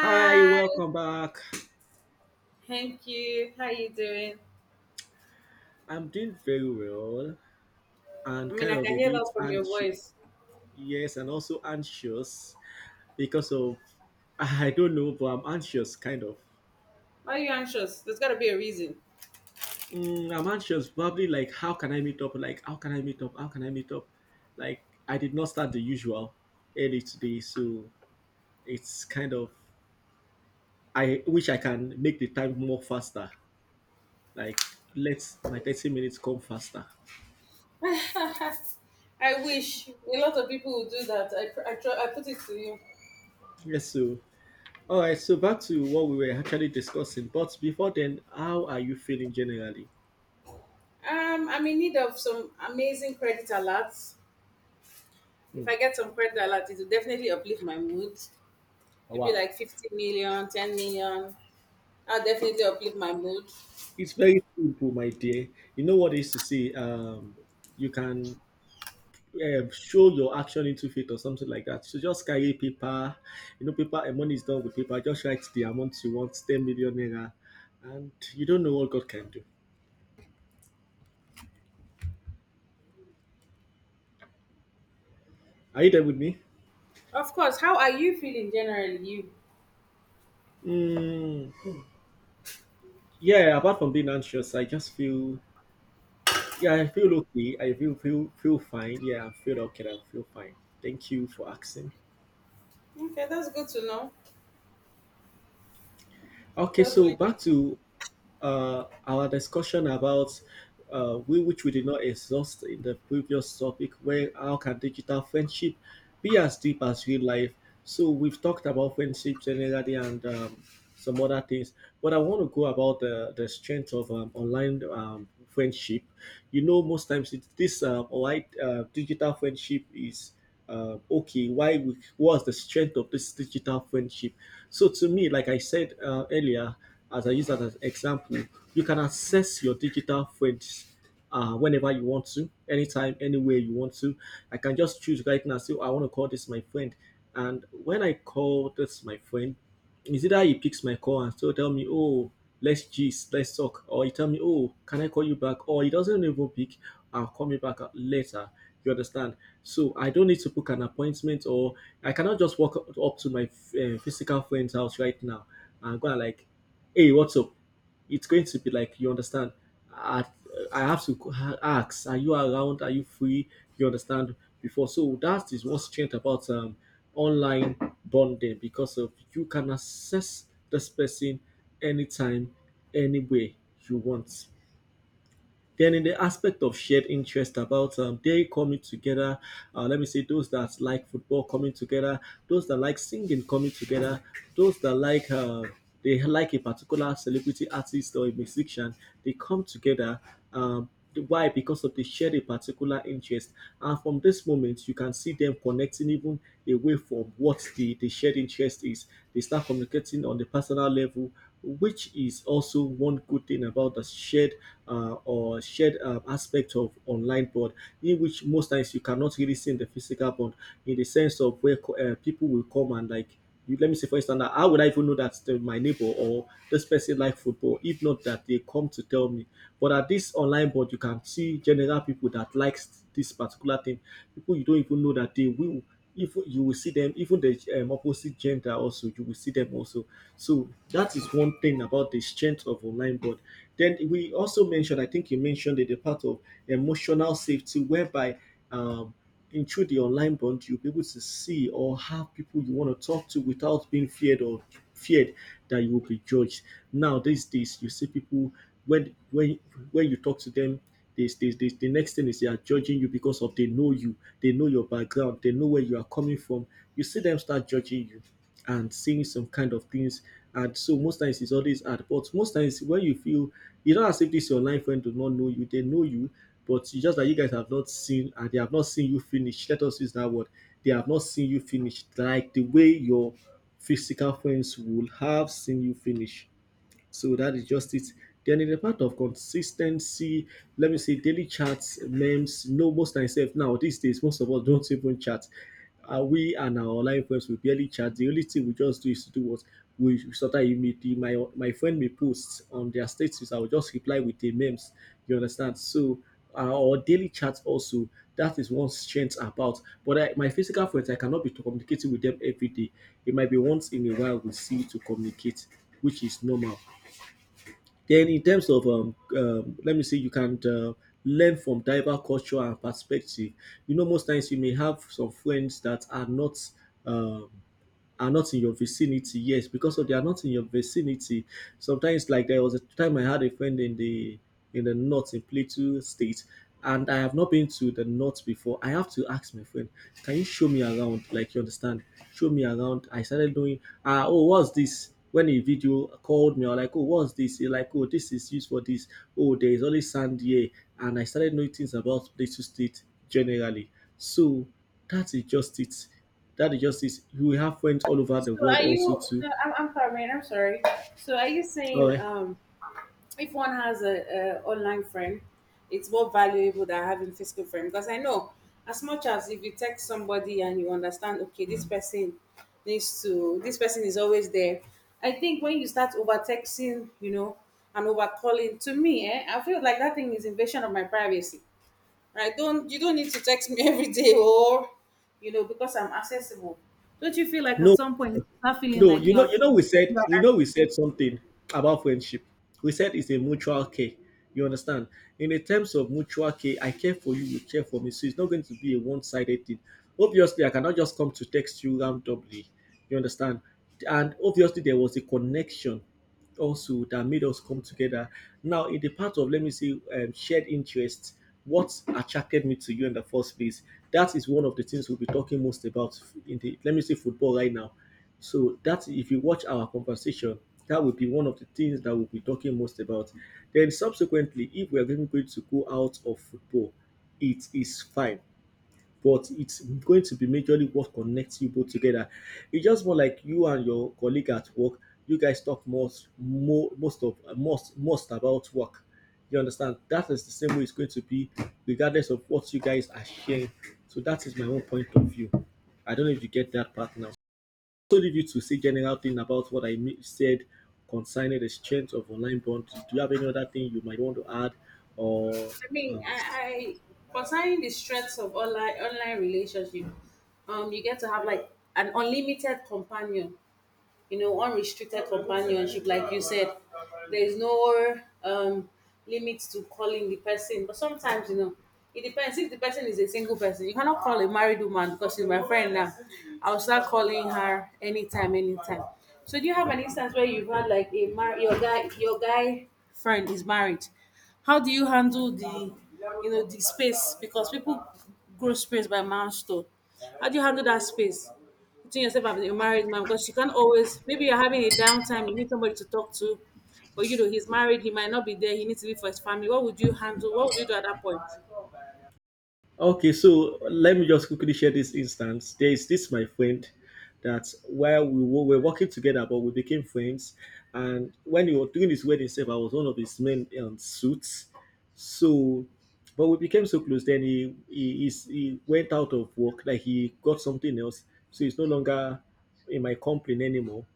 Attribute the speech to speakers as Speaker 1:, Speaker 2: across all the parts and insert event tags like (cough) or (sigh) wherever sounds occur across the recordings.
Speaker 1: Hi, welcome back.
Speaker 2: thank you. How you doing?
Speaker 1: I'm doing very well
Speaker 2: I
Speaker 1: and
Speaker 2: mean,
Speaker 1: kind
Speaker 2: I
Speaker 1: of a
Speaker 2: can hear
Speaker 1: bit
Speaker 2: that from your
Speaker 1: anxious.
Speaker 2: voice.
Speaker 1: Yes, and also anxious because of (laughs) I don't know, but I'm anxious kind of.
Speaker 2: Why are you anxious? There's got to be a reason.
Speaker 1: I'm anxious probably like how can I meet up? Like how can I meet up? How can I meet up? Like I did not start the usual early today, so it's kind of I wish I can make the time more faster. Like let my 30 minutes come faster.
Speaker 2: (laughs) I wish a lot of people would do that. I put it to you.
Speaker 1: Yes, all right, so back to what we were actually discussing. But before then, how are you feeling generally?
Speaker 2: I'm in need of some amazing credit alerts. If
Speaker 1: Hmm.
Speaker 2: I get some credit alerts, it will definitely uplift my mood. Maybe
Speaker 1: Wow.
Speaker 2: like 50 million, 10 million. I'll definitely uplift my mood.
Speaker 1: It's very simple, my dear. You know what it is to say? You can show your action into faith or something like that. So just carry paper. You know, paper and money is done with paper. Just write the amount you want, 10 million naira, and you don't know what God can do. Are you there with me?
Speaker 2: Of course. How are you feeling generally? You?
Speaker 1: Mm, yeah, apart from being anxious, I just feel, yeah, I feel okay. I feel fine. Yeah, I feel okay. I feel fine. Thank you for asking.
Speaker 2: Okay, that's good to know.
Speaker 1: Okay,
Speaker 2: That's
Speaker 1: so
Speaker 2: really good.
Speaker 1: back to our discussion about we which we did not exhaust in the previous topic, where how can digital friendship be as deep as real life? So we've talked about friendship generally and some other things, but I want to go about the strength of online friendship. You know, most times this online digital friendship is okay, what's the strength of this digital friendship? So to me, like I said earlier, as I use that as an example, you can access your digital friends whenever you want to, anytime, anywhere you want to. I can just choose right now, say, "Oh, I want to call this my friend. And when I call this my friend, is either he picks my call and still tell me, oh, let's gist, let's talk, or he tell me, oh, can I call you back? Or he doesn't even pick, I'll call me back later. You understand? So I don't need to book an appointment, or I cannot just walk up to my physical friend's house right now and go and like, hey, what's up? It's going to be like you understand. I, I have to ask, are you around? Are you free? You understand? Before, so that is what's changed about online bonding because of you can access this person anytime, any way you want. Then in the aspect of shared interest about they coming together, let me say those that like football coming together, those that like singing coming together, those that like they like a particular celebrity artist or a musician, they come together. Um, why? Because of the shared a particular interest. And from this moment, you can see them connecting even away from what the shared interest is. They start communicating on the personal level, which is also one good thing about the shared aspect of online board, in which most times you cannot really see in the physical board, in the sense of where people will come and like you, let me say for instance now, how would I even know that my neighbor or this person like football if not that they come to tell me, but at this online board, you can see general people that likes this particular thing. People you don't even know that they will. If you will see them, even the opposite gender also, you will see them also. So that is one thing about the strength of online board. Then we also mentioned, I think you mentioned it, the part of emotional safety, whereby um, in through the online bond, you'll be able to see or have people you want to talk to without being feared that you will be judged. Now these days, you see people when when when you talk to them. The next thing is they are judging you because of they know you, they know your background, they know where you are coming from. You see them start judging you and saying some kind of things. And so most times it's always hard. But most times when you feel it's not as if this your online friend do not know you, they know you, but you just that you guys have not seen and they have not seen you finish. Let us use that word. They have not seen you finish. Like the way your physical friends will have seen you finish. So that is just it. Then in the part of consistency, let me say daily chats, memes. No, most times sef now these days, most of us don't even chat. We and our online friends we barely chat. The only thing we just do is to do what we sometimes you may do. My friend may post on their status. I will just reply with the memes. You understand? So or daily chat also that is one strength about but my physical friends I cannot be communicating with them every day, it might be once in a while we see to communicate, which is normal. Then, in terms of let me say, you can learn from diverse culture and perspective. You know, most times you may have some friends that um, are not in your vicinity. Yes, because of they are not in your vicinity. Sometimes, like there was a time I had a friend in the north in Plateau State, and I have not been to the north before. I have to ask my friend, can you show me around? Like you understand, show me around. I started doing, ah, oh, what's this? When a video called me, I was like, oh, what's this? He like, oh, this is used for this. Oh, there is only sand here, and I started knowing things about Plateau State generally. So that is just it, that is justice. We have friends all over
Speaker 2: So
Speaker 1: the world
Speaker 2: are
Speaker 1: also
Speaker 2: you?
Speaker 1: too.
Speaker 2: No, I'm sorry, man. I'm sorry. So are you
Speaker 1: All
Speaker 2: saying
Speaker 1: right.
Speaker 2: if one has a online friend, it's more valuable than having physical friend? Because I know as much as if you text somebody and you understand, okay, this person is always there. I think when you start over texting, and over calling, to me, I feel like that thing is invasion of my privacy. I don't you don't need to text me (laughs) every day or because I'm accessible. Don't you feel like at
Speaker 1: No,
Speaker 2: some point you start feeling
Speaker 1: no,
Speaker 2: like
Speaker 1: you
Speaker 2: you
Speaker 1: know,
Speaker 2: are
Speaker 1: we said we know we said something about friendship. We said it's a mutual care. You understand? In the terms of mutual care, I care for you, you care for me. So it's not going to be a one-sided thing. Obviously, I cannot just come to text you randomly. You understand? And obviously, there was a connection also that made us come together. Now, in the part of let me say shared interests. What attracted me to you in the first place? That is one of the things we'll be talking most about in the let me say football right now. So that if you watch our conversation, that will be one of the things that we'll be talking most about. Then subsequently, if we are going to go out of football, it is fine but it's going to be majorly what connects you both together. It's just more like you and your colleague at work. You guys talk most, mo most of most most about work. You understand? That is the same way it's going to be, regardless of what you guys are sharing. So that is my own point of view. I don't know if you get that part now. So leave you to say general thing about what I said concerning the strength of online bond. Do you have any other thing you might want to add or
Speaker 2: I mean,
Speaker 1: say?
Speaker 2: I concerning the strengths of online relationship, you get to have like an unlimited companion. Unrestricted companionship, like you said, there is no um limit to calling the person, but sometimes you know it depends. If the person is a single person, you cannot call a married woman because she's my friend now. I'll start calling her anytime anytime. So do you have an instance where you've had like your guy friend is married? How do you handle the, you know, the space? Because people grow space by milestone. How do you handle that space? Between yourself and your married man, because you can't always, maybe you're having a downtime, you need somebody to talk to, but you know, he's married, he might not be there, he needs to be for his family. What would you handle? What would you do at that point?
Speaker 1: Okay, so let me just quickly share this instance. There is this my friend that while we were working together, but we became friends. And when he was doing his wedding self, I was one of his main suits. So, but we became so close. Then he went out of work, like he got something else. So he's no longer in my company anymore.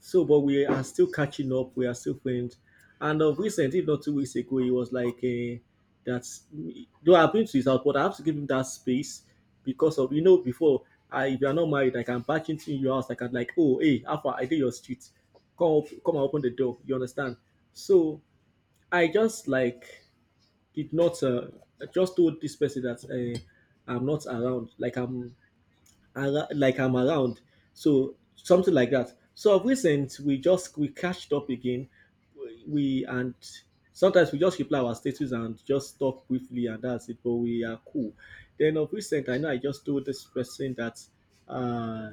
Speaker 1: So, but we are still catching up. We are still friends. And of recent, if not 2 weeks ago, he was like, "That's though I've been to his house, but I have to give him that space because of you know before I if you are not married, I can back into your house. I can like, oh hey, Alpha, I did your street. Come up, come and open the door. You understand? So I just like did not. I just told this person that I'm not around. Like I'm around. So something like that. So of recent, we catched up again. We and sometimes we just reply our status and just talk briefly, and that's it. But we are cool. Then of recent, I know I just told this person that uh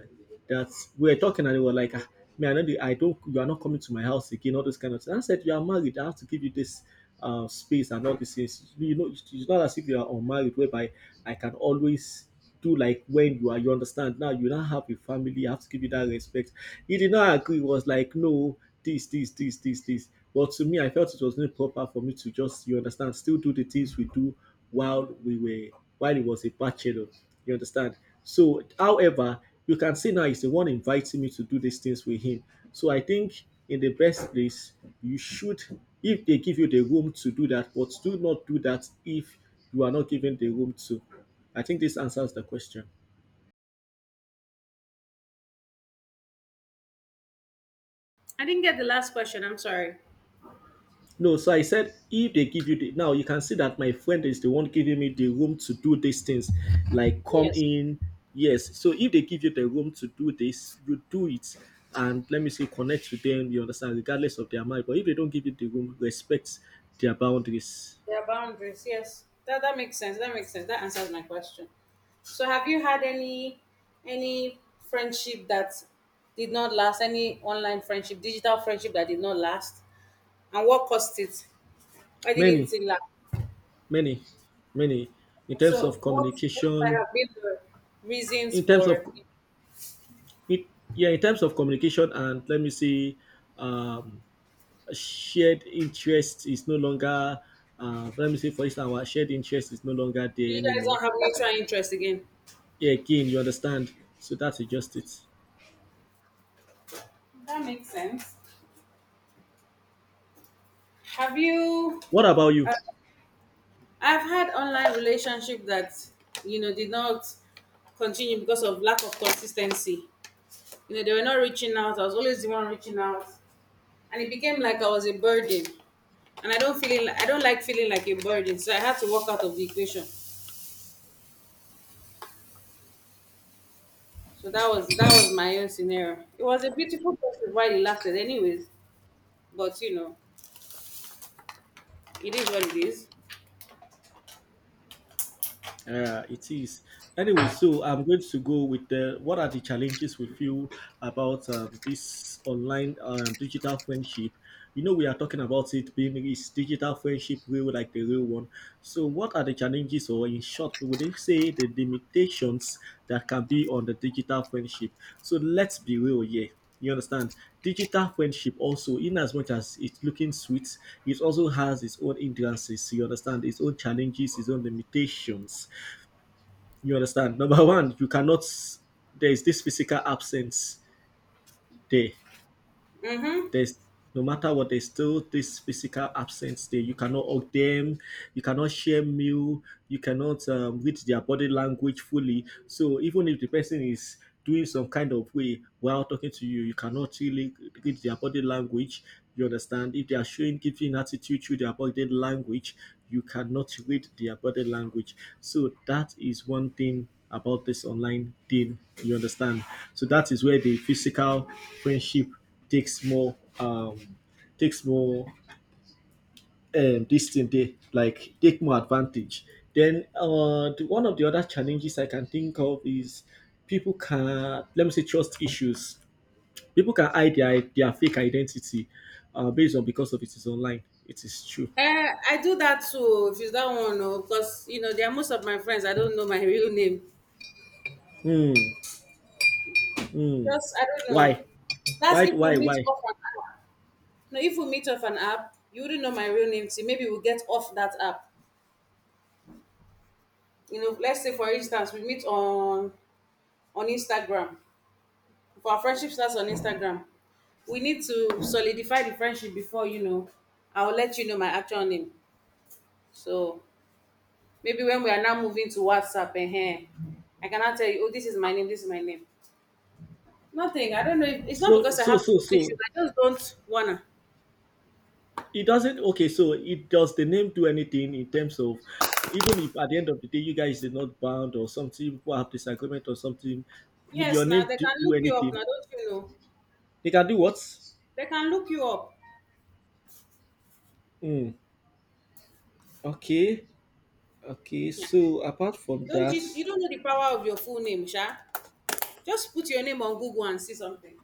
Speaker 1: that we were talking, and they were like, ah, me, I know the, I don't, you are not coming to my house again. All those kind of things. I said you are married. I have to give you this. Space and all these things. It's not as if you are unmarried, whereby I can always do like when you are you understand now you now have a family, you have to give you that respect. He did not agree. He was like, no, this, but to me, I felt it was not proper for me to just, you understand, still do the things we do while we were while he was a bachelor, you understand. So however, you can see now he's the one inviting me to do these things with him. So I think in the best place, you should if they give you the room to do that, but do not do that if you are not given the room to. I think this answers the question.
Speaker 2: I didn't get the last question, I'm sorry.
Speaker 1: No, so I said if they give you the now you can see that my friend is the one giving me the room to do these things, like come
Speaker 2: Yes.
Speaker 1: in. Yes, so if they give you the room to do this, you do it, and let me say connect to them. You understand, regardless of their mind. But if they don't give you the room, respect their boundaries.
Speaker 2: There are boundaries, yes. That makes sense. That makes sense. That answers my question. So have you had any friendship that did not last, any online friendship, digital friendship that did not last? And what caused it? Why didn't
Speaker 1: Many,
Speaker 2: it last?
Speaker 1: many, many. In terms
Speaker 2: So
Speaker 1: of
Speaker 2: what might
Speaker 1: communication,
Speaker 2: have been the reasons
Speaker 1: in terms of,
Speaker 2: for
Speaker 1: it, yeah, in terms of communication, and let me see, um, shared interest is no longer, let me say for instance our shared interest is no longer
Speaker 2: you
Speaker 1: there
Speaker 2: guys
Speaker 1: anymore.
Speaker 2: not have mutual interest again?
Speaker 1: Yeah, again, you understand, so that's just it.
Speaker 2: That makes sense. Have you?
Speaker 1: What about you?
Speaker 2: Uh, I've had online relationship that did not continue because of lack of consistency. You know they were not reaching out. I was always the one reaching out, and it became like I was a burden. And I don't like feeling like a burden, so I had to walk out of the equation. So that was my own scenario. It was a beautiful process while it lasted, anyways. But you know, it is what it is.
Speaker 1: Yeah, it is. Anyway, so I'm going to go with the what are the challenges we feel about this online digital friendship? You know, we are talking about it being is digital friendship real like the real one. So, what are the challenges, or in short, would they say the limitations that can be on the digital friendship? So, let's be real here. You understand? Digital friendship also, in as much as it's looking sweet, it also has its own hindrances. You understand? Its own challenges, its own limitations. You understand? Number one, you cannot, there is this physical absence there.
Speaker 2: Mm-hmm.
Speaker 1: There's no matter what, there's still this physical absence there. You cannot hug them, you cannot share meal, you cannot read their body language fully. So even if the person is doing some kind of way while talking to you, you cannot really read their body language. You understand? If they are showing giving attitude through their body language, you cannot read their body language. So that is one thing about this online thing. You understand? So that is where the physical friendship takes more um takes more, this thing they like, take more advantage. Then one of the other challenges I can think of is people can, let me say, trust issues. People can hide their fake identity based on because of it is online. It is true.
Speaker 2: I do that too. If it's that one, no, because you know, there are most of my friends. I don't know my (laughs) real name.
Speaker 1: Hmm. Hmm.
Speaker 2: Just I don't know.
Speaker 1: Why?
Speaker 2: That's
Speaker 1: Why?
Speaker 2: if we
Speaker 1: Why? Why?
Speaker 2: meet off an app. No, if we meet off an app, you wouldn't know my real name. See, maybe we'll get off that app. You know, let's say for instance, we meet on Instagram. For our friendship starts on Instagram. We need to solidify the friendship before you know. I will let you know my actual name. So maybe when we are now moving to WhatsApp, I cannot tell you. Oh, this is my name. This is my name. Nothing. I don't know. If, It's not
Speaker 1: So
Speaker 2: because I
Speaker 1: so
Speaker 2: have
Speaker 1: so
Speaker 2: trust issues.
Speaker 1: so
Speaker 2: I just don't wanna.
Speaker 1: it doesn't. Okay, so it does the name do anything in terms of, even if at the end of the day you guys are not bound or something, people have disagreement or something, will your
Speaker 2: Yes, now
Speaker 1: name
Speaker 2: they
Speaker 1: do,
Speaker 2: can
Speaker 1: do
Speaker 2: look you up.
Speaker 1: anything?
Speaker 2: Now don't you know?
Speaker 1: They can do what?
Speaker 2: They can look you up.
Speaker 1: Mm. Okay, okay.
Speaker 2: Yeah.
Speaker 1: So apart from
Speaker 2: Don't
Speaker 1: that,
Speaker 2: you? You don't know the power of your full name, Sha. Just put your name on Google and see something.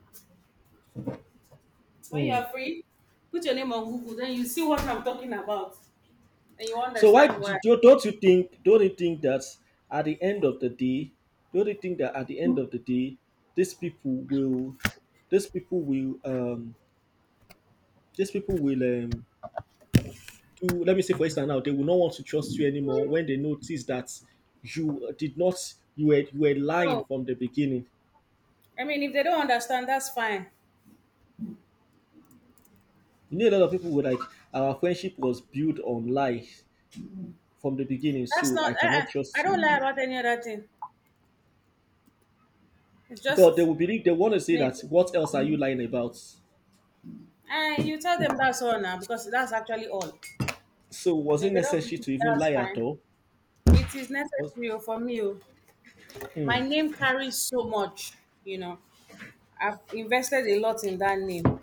Speaker 2: When you
Speaker 1: mm.
Speaker 2: are free, put your name on Google. Then you see what I'm talking about, and you
Speaker 1: So why
Speaker 2: understand why.
Speaker 1: don't you think? Don't you think that at the end of the day, don't you think that at the end of the day, these people will, these people will, um, these people will do, let me say for instance, now they will not want to trust you anymore when they notice that you did not, you were you were lying
Speaker 2: No,
Speaker 1: from the beginning.
Speaker 2: I mean, if they don't understand, that's fine.
Speaker 1: You know, a lot of people were like, our friendship was built on lies from the beginning,
Speaker 2: That's
Speaker 1: so
Speaker 2: not.
Speaker 1: I cannot
Speaker 2: I
Speaker 1: trust you.
Speaker 2: don't lie about any other thing. It's
Speaker 1: God, they
Speaker 2: just
Speaker 1: will believe they want to say
Speaker 2: name.
Speaker 1: that what else are you lying about.
Speaker 2: And you tell them that's all now because that's actually all.
Speaker 1: So was
Speaker 2: And
Speaker 1: it
Speaker 2: if they don't believe
Speaker 1: necessary
Speaker 2: you,
Speaker 1: to even
Speaker 2: that's
Speaker 1: lie at
Speaker 2: fine.
Speaker 1: all?
Speaker 2: It is
Speaker 1: Was.
Speaker 2: necessary oh, for me. Oh.
Speaker 1: Hmm.
Speaker 2: My name carries so much. You know, I've invested a lot in that name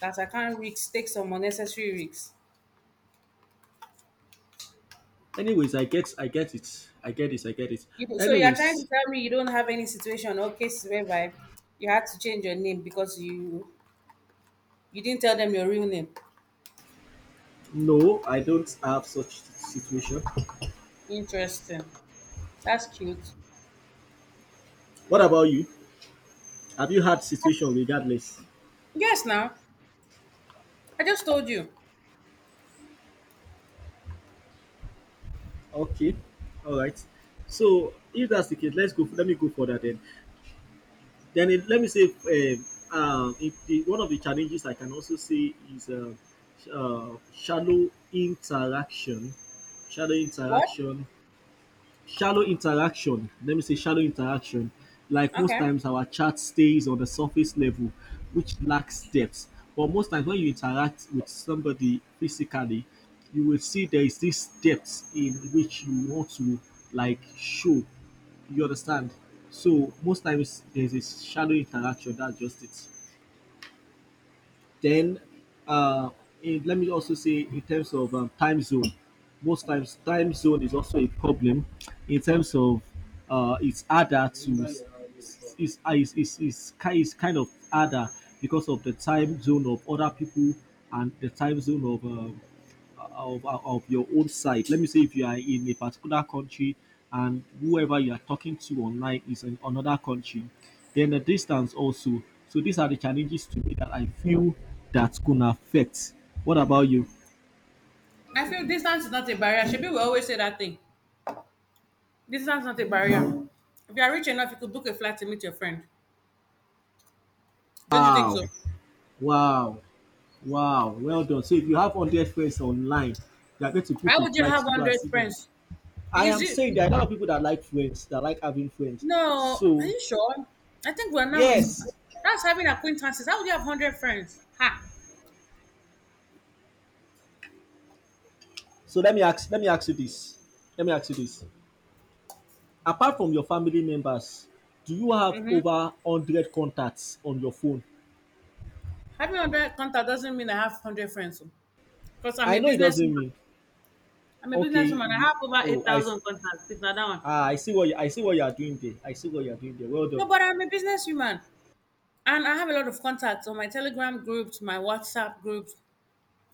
Speaker 2: that I can't risk take some unnecessary risks.
Speaker 1: Anyways, I get it,
Speaker 2: So you are trying
Speaker 1: anyways.
Speaker 2: to tell me you don't have any situation or cases whereby you had to change your name because you didn't tell them your real name.
Speaker 1: No, I don't have such situation.
Speaker 2: Interesting. That's cute.
Speaker 1: What about you? Have you had situation regardless?
Speaker 2: Yes, now. I just told you.
Speaker 1: Okay. All right. So if that's the case, let's go. Let me go for that then. Then, it, let me say, it, the, one of the challenges I can also see is shallow interaction. Shallow
Speaker 2: What?
Speaker 1: interaction. Shallow interaction, let me say shallow interaction. Like most
Speaker 2: Okay.
Speaker 1: times, our chat stays on the surface level, which lacks depth. But most times, when you interact with somebody physically, you will see there is this depth in which you want to like show. You understand? So most times, there's a shallow interaction. That's just it. Then, uh, let me also say in terms of time zone, most times time zone is also a problem in terms of, it's harder to it's, it's, it's, it's kind of harder because of the time zone of other people and the time zone of of your own site. Let me say if you are in a particular country and whoever you are talking to online is in another country, then the distance also. So these are the challenges to me that I feel that's gonna affect. What about you?
Speaker 2: I feel distance is not a barrier. Should will always say that thing. Distance is not a barrier. If you are rich enough, you could book a flight to meet your friend. Don't you think so?
Speaker 1: Wow, wow, wow. Well done. So if you have 100 friends online, you are going to
Speaker 2: Why
Speaker 1: book a
Speaker 2: would you
Speaker 1: flight
Speaker 2: have
Speaker 1: to go and
Speaker 2: 100
Speaker 1: see them.
Speaker 2: friends?
Speaker 1: I
Speaker 2: Because
Speaker 1: am
Speaker 2: you,
Speaker 1: saying there are a lot of people that like friends, that like having friends.
Speaker 2: no, are
Speaker 1: So
Speaker 2: you sure? I think we're now mis.
Speaker 1: yes.
Speaker 2: That's having acquaintances. How would you have 100 friends? Ha!
Speaker 1: So let me ask you this. Let me ask you this. Apart from your family members, do you have over 100 contacts on your phone?
Speaker 2: Having 100 contact doesn't mean I have 100 friends. Because I'm
Speaker 1: I
Speaker 2: a
Speaker 1: know it
Speaker 2: businessman.
Speaker 1: doesn't mean.
Speaker 2: I'm a
Speaker 1: Okay.
Speaker 2: businesswoman. I
Speaker 1: You,
Speaker 2: have over
Speaker 1: oh,
Speaker 2: 8,000 contacts, if not that one.
Speaker 1: I see what I see what you are doing there. I see what you are doing there. Well
Speaker 2: No,
Speaker 1: done.
Speaker 2: but I'm a businesswoman. And I have a lot of contacts on my Telegram groups, my WhatsApp groups,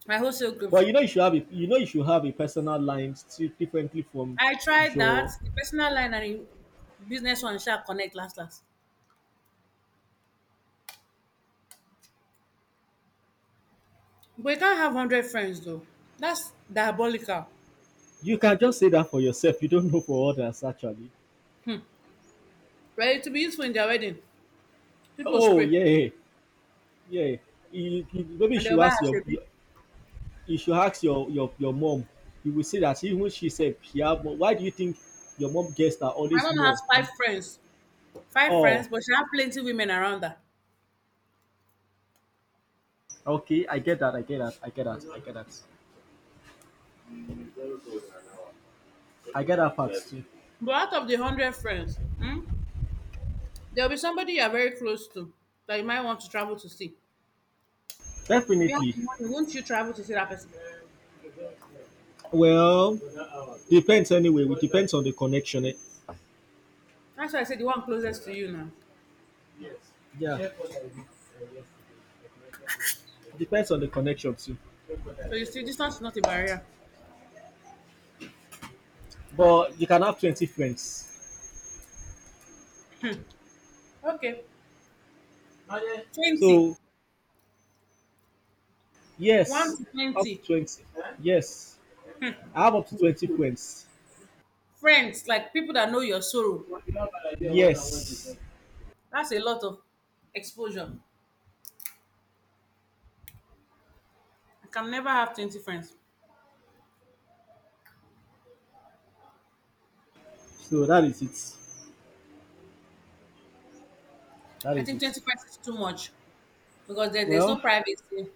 Speaker 2: my wholesale
Speaker 1: But
Speaker 2: groups.
Speaker 1: you should have a personal line still differently from
Speaker 2: I tried that,
Speaker 1: your.
Speaker 2: the personal line and the business one shall connect last last. But you can't have 100 friends though. That's diabolical.
Speaker 1: You can just say that for yourself. You don't know for others actually.
Speaker 2: Right? To be useful in their wedding, people will
Speaker 1: Oh
Speaker 2: spray
Speaker 1: yeah, yeah. Maybe you
Speaker 2: and
Speaker 1: should
Speaker 2: they'll buy
Speaker 1: ask your
Speaker 2: ashebi.
Speaker 1: mom. You will see that even she said she have more. Why do you think your mom gets are
Speaker 2: My
Speaker 1: always
Speaker 2: mom
Speaker 1: more
Speaker 2: has five
Speaker 1: in?
Speaker 2: friends. Five
Speaker 1: Oh,
Speaker 2: friends, but she has plenty women around her.
Speaker 1: okay, I get that part too.
Speaker 2: But out of the 100 friends, hmm. There'll be somebody you're very close to that you might want to travel to see. If you have
Speaker 1: Definitely.
Speaker 2: the money, won't you travel to see that person?
Speaker 1: Well, depends. Anyway, it depends on the connection, eh?
Speaker 2: That's why I said the one closest to you now.
Speaker 1: Yeah, depends on the connection too.
Speaker 2: So you see, distance is not a barrier.
Speaker 1: But you can have 20 friends,
Speaker 2: Okay. 20.
Speaker 1: so
Speaker 2: 1
Speaker 1: yes,
Speaker 2: to
Speaker 1: up to
Speaker 2: 20.
Speaker 1: 20, yes. I have up to 20 friends,
Speaker 2: Friends, like people that know your sorrow.
Speaker 1: yes.
Speaker 2: That's a lot of exposure. I can never have 20 friends.
Speaker 1: So that is it that
Speaker 2: I
Speaker 1: is
Speaker 2: think
Speaker 1: it
Speaker 2: 20 friends is too much because then there's
Speaker 1: Well,
Speaker 2: no privacy.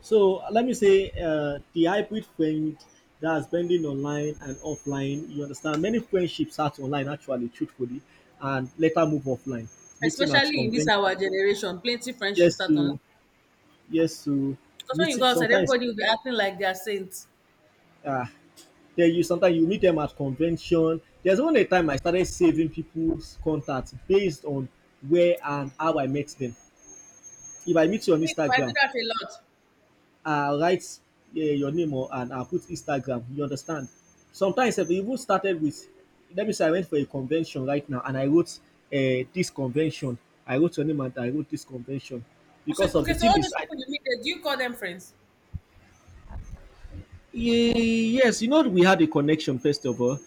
Speaker 1: so let me say the hybrid friend, that's blending online and offline. You understand? Many friendships start online, actually, truthfully, and later move offline. Meeting at
Speaker 2: Especially in this
Speaker 1: convention,
Speaker 2: our generation, plenty friendships
Speaker 1: yes
Speaker 2: start online.
Speaker 1: to yes to
Speaker 2: Because when you
Speaker 1: meeting.
Speaker 2: go outside,
Speaker 1: Sometimes,
Speaker 2: everybody will be acting like they are saints.
Speaker 1: uh, there you sometimes you meet them at convention. There's one a time I started saving people's contacts based on where and how I met them. If I meet you on
Speaker 2: Me too, I do
Speaker 1: Instagram,
Speaker 2: that a lot.
Speaker 1: I'll write your name or and I'll put Instagram. You understand? Sometimes I've even started with, let me say I went for a convention right now and I wrote this convention. I wrote your name and I wrote this convention
Speaker 2: So
Speaker 1: because of
Speaker 2: okay,
Speaker 1: the
Speaker 2: so
Speaker 1: thing
Speaker 2: all
Speaker 1: is,
Speaker 2: those people you meet, there, do you call them friends?
Speaker 1: Yes, you know we had a connection first of all.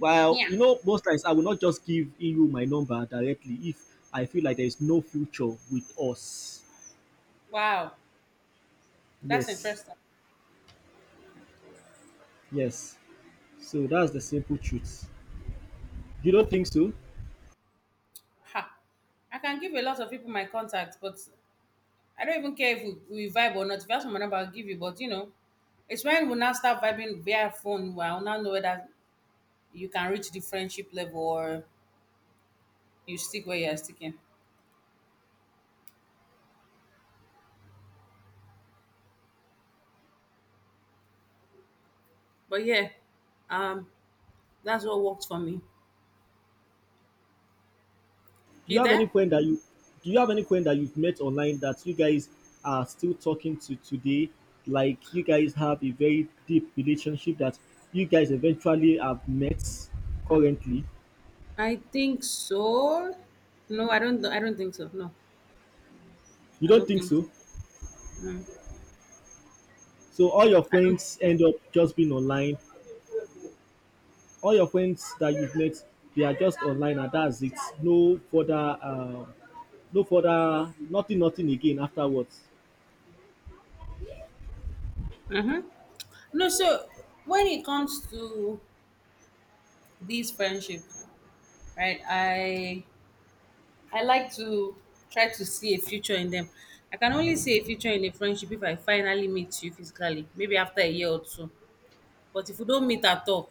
Speaker 1: Well,
Speaker 2: Yeah.
Speaker 1: most times I will not just give you my number directly if I feel like there is no future with us.
Speaker 2: Wow, that's
Speaker 1: Yes,
Speaker 2: interesting.
Speaker 1: yes. So that's the simple truth. You don't think so?
Speaker 2: Ha. I can give a lot of people my contact, but I don't even care if we vibe or not. If you ask me my number, I'll give you. But you know, it's when we now start vibing via phone, where I'll now know whether you can reach the friendship level or you stick where you're sticking. But yeah, um, that's what worked for me.
Speaker 1: Do you
Speaker 2: You
Speaker 1: have any
Speaker 2: there?
Speaker 1: friend that you do you have any friend that you've met online that you guys are still talking to today? Like you guys have a very deep relationship that you guys eventually have met currently?
Speaker 2: I think so. No, I don't. I don't think so. No,
Speaker 1: You
Speaker 2: I
Speaker 1: don't
Speaker 2: don't
Speaker 1: think
Speaker 2: think so.
Speaker 1: so?
Speaker 2: Mm,
Speaker 1: So all your
Speaker 2: I don't
Speaker 1: friends
Speaker 2: think
Speaker 1: end up just being online. All your friends that you've met, they are just online and that's it. No further um no further, nothing again afterwards.
Speaker 2: so. Mhm. No, so when it comes to these friendships, right? I like to try to see a future in them. I can only see a future in a friendship if I finally meet you physically, maybe after a year or two. But if we don't meet at all,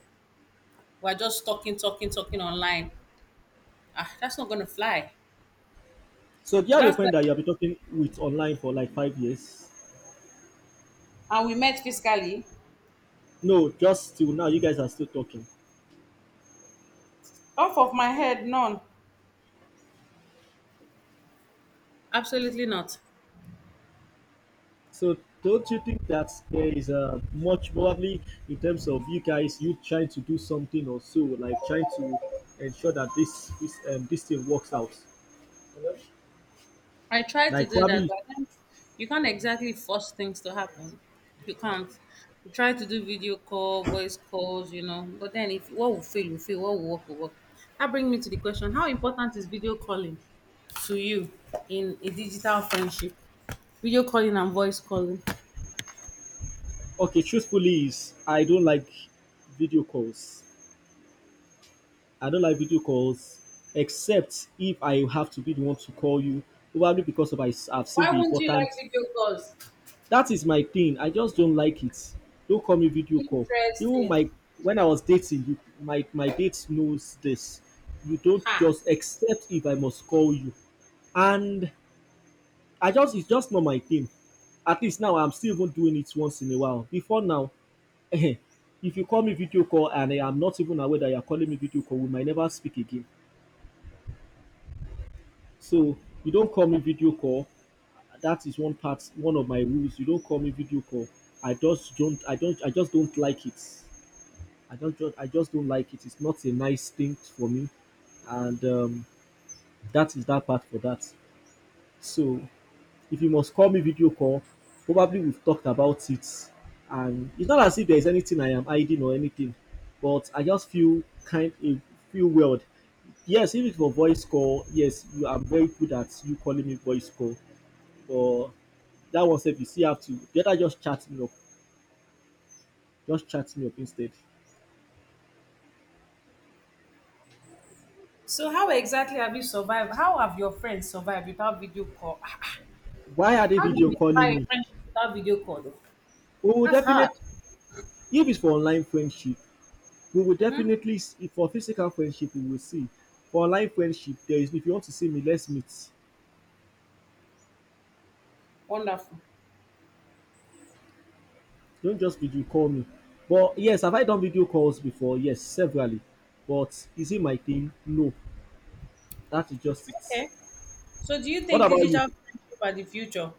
Speaker 2: we're just talking, talking, talking online. Ah, that's not gonna fly.
Speaker 1: So do you have a
Speaker 2: That's the,
Speaker 1: friend that you have been talking with online for like 5 years?
Speaker 2: and we met physically.
Speaker 1: No, just till now, you guys are still talking.
Speaker 2: Off of my head, none. Absolutely not.
Speaker 1: So, don't you think that there is much probably in terms of you guys, you trying to do something or so, like trying to ensure that this thing works out?
Speaker 2: I try to
Speaker 1: Like
Speaker 2: do that,
Speaker 1: probably,
Speaker 2: but I can't, you can't exactly force things to happen. You can't. You try to do video call, voice calls, but then if what will fail, what will work, will work. That brings me to the question, how important is video calling to you in a digital friendship? Video calling and voice calling.
Speaker 1: okay, truthfully, is I don't like video calls. I don't like video calls except if I have to be the one to call you, probably because of I've seen
Speaker 2: Why
Speaker 1: the
Speaker 2: wouldn't you like
Speaker 1: importance.
Speaker 2: video calls?
Speaker 1: That is my thing. I just don't like it. Don't call me video call. Even
Speaker 2: Interesting.
Speaker 1: my when I was dating, you, my date knows this. You don't
Speaker 2: Ha.
Speaker 1: just accept if I must call you, and I just it's just not my thing. At least now I'm still even doing it once in a while. Before now, (laughs) if you call me video call and I am not even aware that you are calling me video call, we might never speak again. So you don't call me video call. That is one part, one of my rules. You don't call me video call. I just don't. I don't. I just don't like it. I don't just I just don't like it. It's not a nice thing for me, and that is that part for that. So if you must call me video call, probably we've talked about it, and it's not as if there's anything I am hiding or anything, but I just feel kind of feel weird. Yes, if it's for voice call, yes, you are very good at you calling me voice call, but that one said you see have to better just chat me up instead.
Speaker 2: So, how exactly have you survived? How have your friends survived without video call? (laughs)
Speaker 1: Why are they
Speaker 2: How do
Speaker 1: video
Speaker 2: you
Speaker 1: calling
Speaker 2: survive a
Speaker 1: me?
Speaker 2: friendship without video call? Though?
Speaker 1: We will
Speaker 2: That's hard.
Speaker 1: definitely. If it's for online friendship, we will
Speaker 2: Mm-hmm.
Speaker 1: definitely if for physical friendship, we will see. For online friendship, there is if you want to see me, let's meet.
Speaker 2: Wonderful.
Speaker 1: Don't just video call me. But yes, have I done video calls before? Yes, severally. But is it my thing? No. That is just it.
Speaker 2: Okay. So, do you
Speaker 1: What
Speaker 2: think
Speaker 1: about you?
Speaker 2: digital friendship are the future?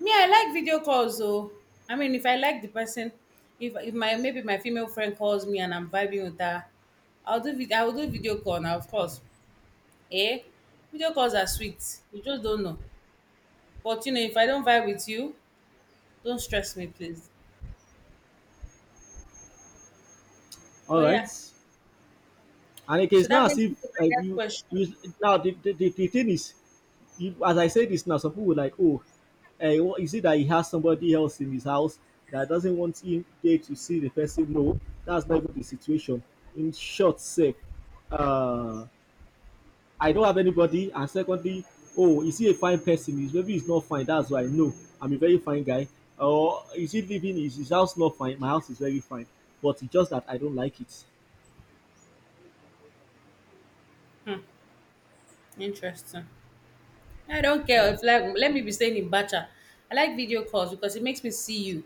Speaker 2: Me, I like video calls though. I mean, if I like the person, if my maybe my female friend calls me and I'm vibing with her, I will do video call now, of course. Eh? Video calls are sweet. You just don't know. But you know, if I don't vibe with you, don't stress me, please.
Speaker 1: All
Speaker 2: But
Speaker 1: right.
Speaker 2: yeah.
Speaker 1: And it
Speaker 2: So
Speaker 1: is
Speaker 2: that
Speaker 1: not as
Speaker 2: brings me to
Speaker 1: if
Speaker 2: my next
Speaker 1: you,
Speaker 2: question.
Speaker 1: you now the thing is, if as I say this now, some people were like, oh, eh, what- is it that he has somebody else in his house that doesn't want him there to see the person? No, that's not even the situation. In short, say, uh, I don't have anybody, and secondly, oh, is he a fine person? He's, maybe he's not fine. That's why no, I'm a very fine guy. Or is he living? Is his house not fine? My house is very fine, but it's just that I don't like it.
Speaker 2: Hmm. Interesting. I don't care if like let me be staying in Bacha. I like video calls because it makes me see you.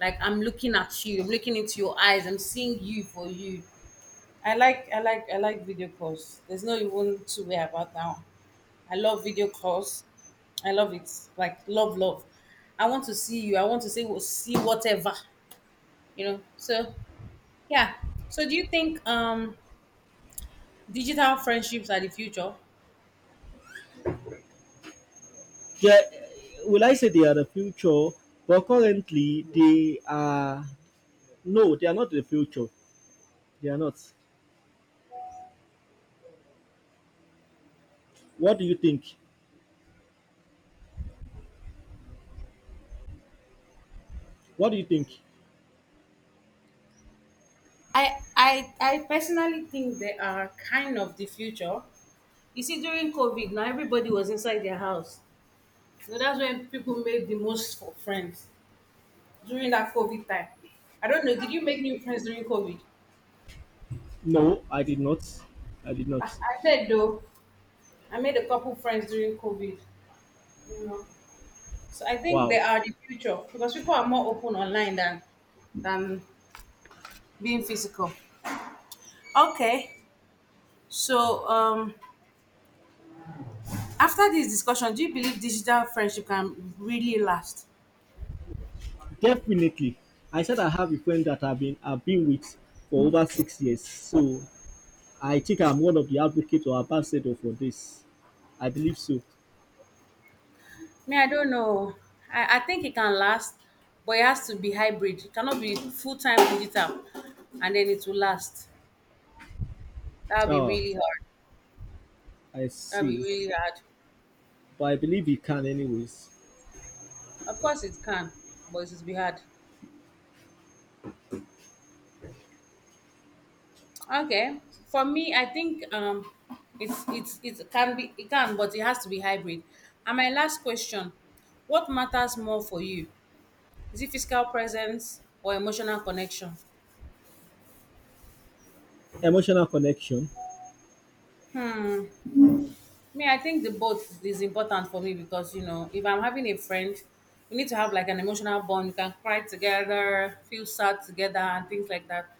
Speaker 2: Like I'm looking at you, I'm looking into your eyes, I'm seeing you for you. I like video calls. There's no even two-way about that one. I love video calls. I love it. Like love, love. I want to see you. I want to see what see whatever. You know. So yeah. So do you think digital friendships are the future?
Speaker 1: Yeah, will I say they are the future? But currently, they are no, they are not the future. They are not. What do you think? What do you think?
Speaker 2: I personally think they are kind of the future. You see, during COVID, now everybody was inside their house. So that's when people made the most for friends during that COVID time. I don't know. Did you make new friends during COVID?
Speaker 1: No, I did not. I did not.
Speaker 2: I made though. I made a couple friends during COVID. You know, so I think they
Speaker 1: Wow.
Speaker 2: are the future because people are more open online than than being physical. Okay. So after this discussion, do you believe digital friendship can really last?
Speaker 1: Definitely. I said I have a friend that I've been with for over 6 years. So I think I'm one of the advocates or ambassador for this. I believe so.
Speaker 2: Me, I don't know. I think it can last, but it has to be hybrid. It cannot be full time digital and then it will last. That will be
Speaker 1: Oh,
Speaker 2: really hard.
Speaker 1: I
Speaker 2: That will be
Speaker 1: see.
Speaker 2: really hard.
Speaker 1: But I believe you can anyways.
Speaker 2: Of course, it can, but it will be hard. Okay. For me, I think it's it can, but it has to be hybrid. And my last question: What matters more for you? Is it physical presence or emotional connection?
Speaker 1: Emotional connection.
Speaker 2: Me, I think the both is important for me because you know, if I'm having a friend, we need to have like an emotional bond. You can cry together, feel sad together, and things like that.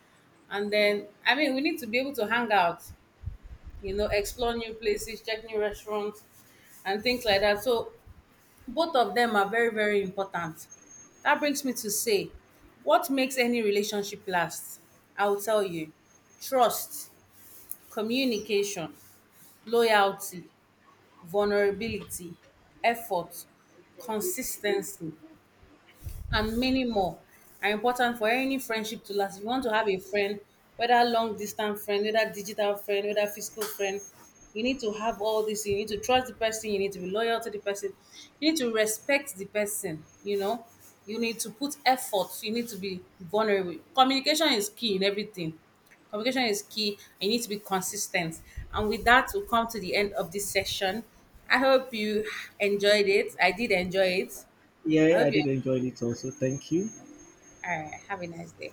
Speaker 2: And then, I mean, we need to be able to hang out, explore new places, check new restaurants, and things like that. So, both of them are very, very important. That brings me to say, what makes any relationship last? I will tell you trust, communication, loyalty, vulnerability, effort, consistency, and many more are important for any friendship to last. If you want to have a friend, whether long distance friend, whether digital friend, whether physical friend, you need to have all this. You need to trust the person. You need to be loyal to the person. You need to respect the person. You know, you need to put effort. You need to be vulnerable. Communication is key in everything. Communication is key. You need to be consistent. And with that, we'll come to the end of this session. I hope you enjoyed it. I did enjoy it. I
Speaker 1: Yeah, I
Speaker 2: hope you
Speaker 1: did enjoy it also. Thank you.
Speaker 2: all right. Have a nice day.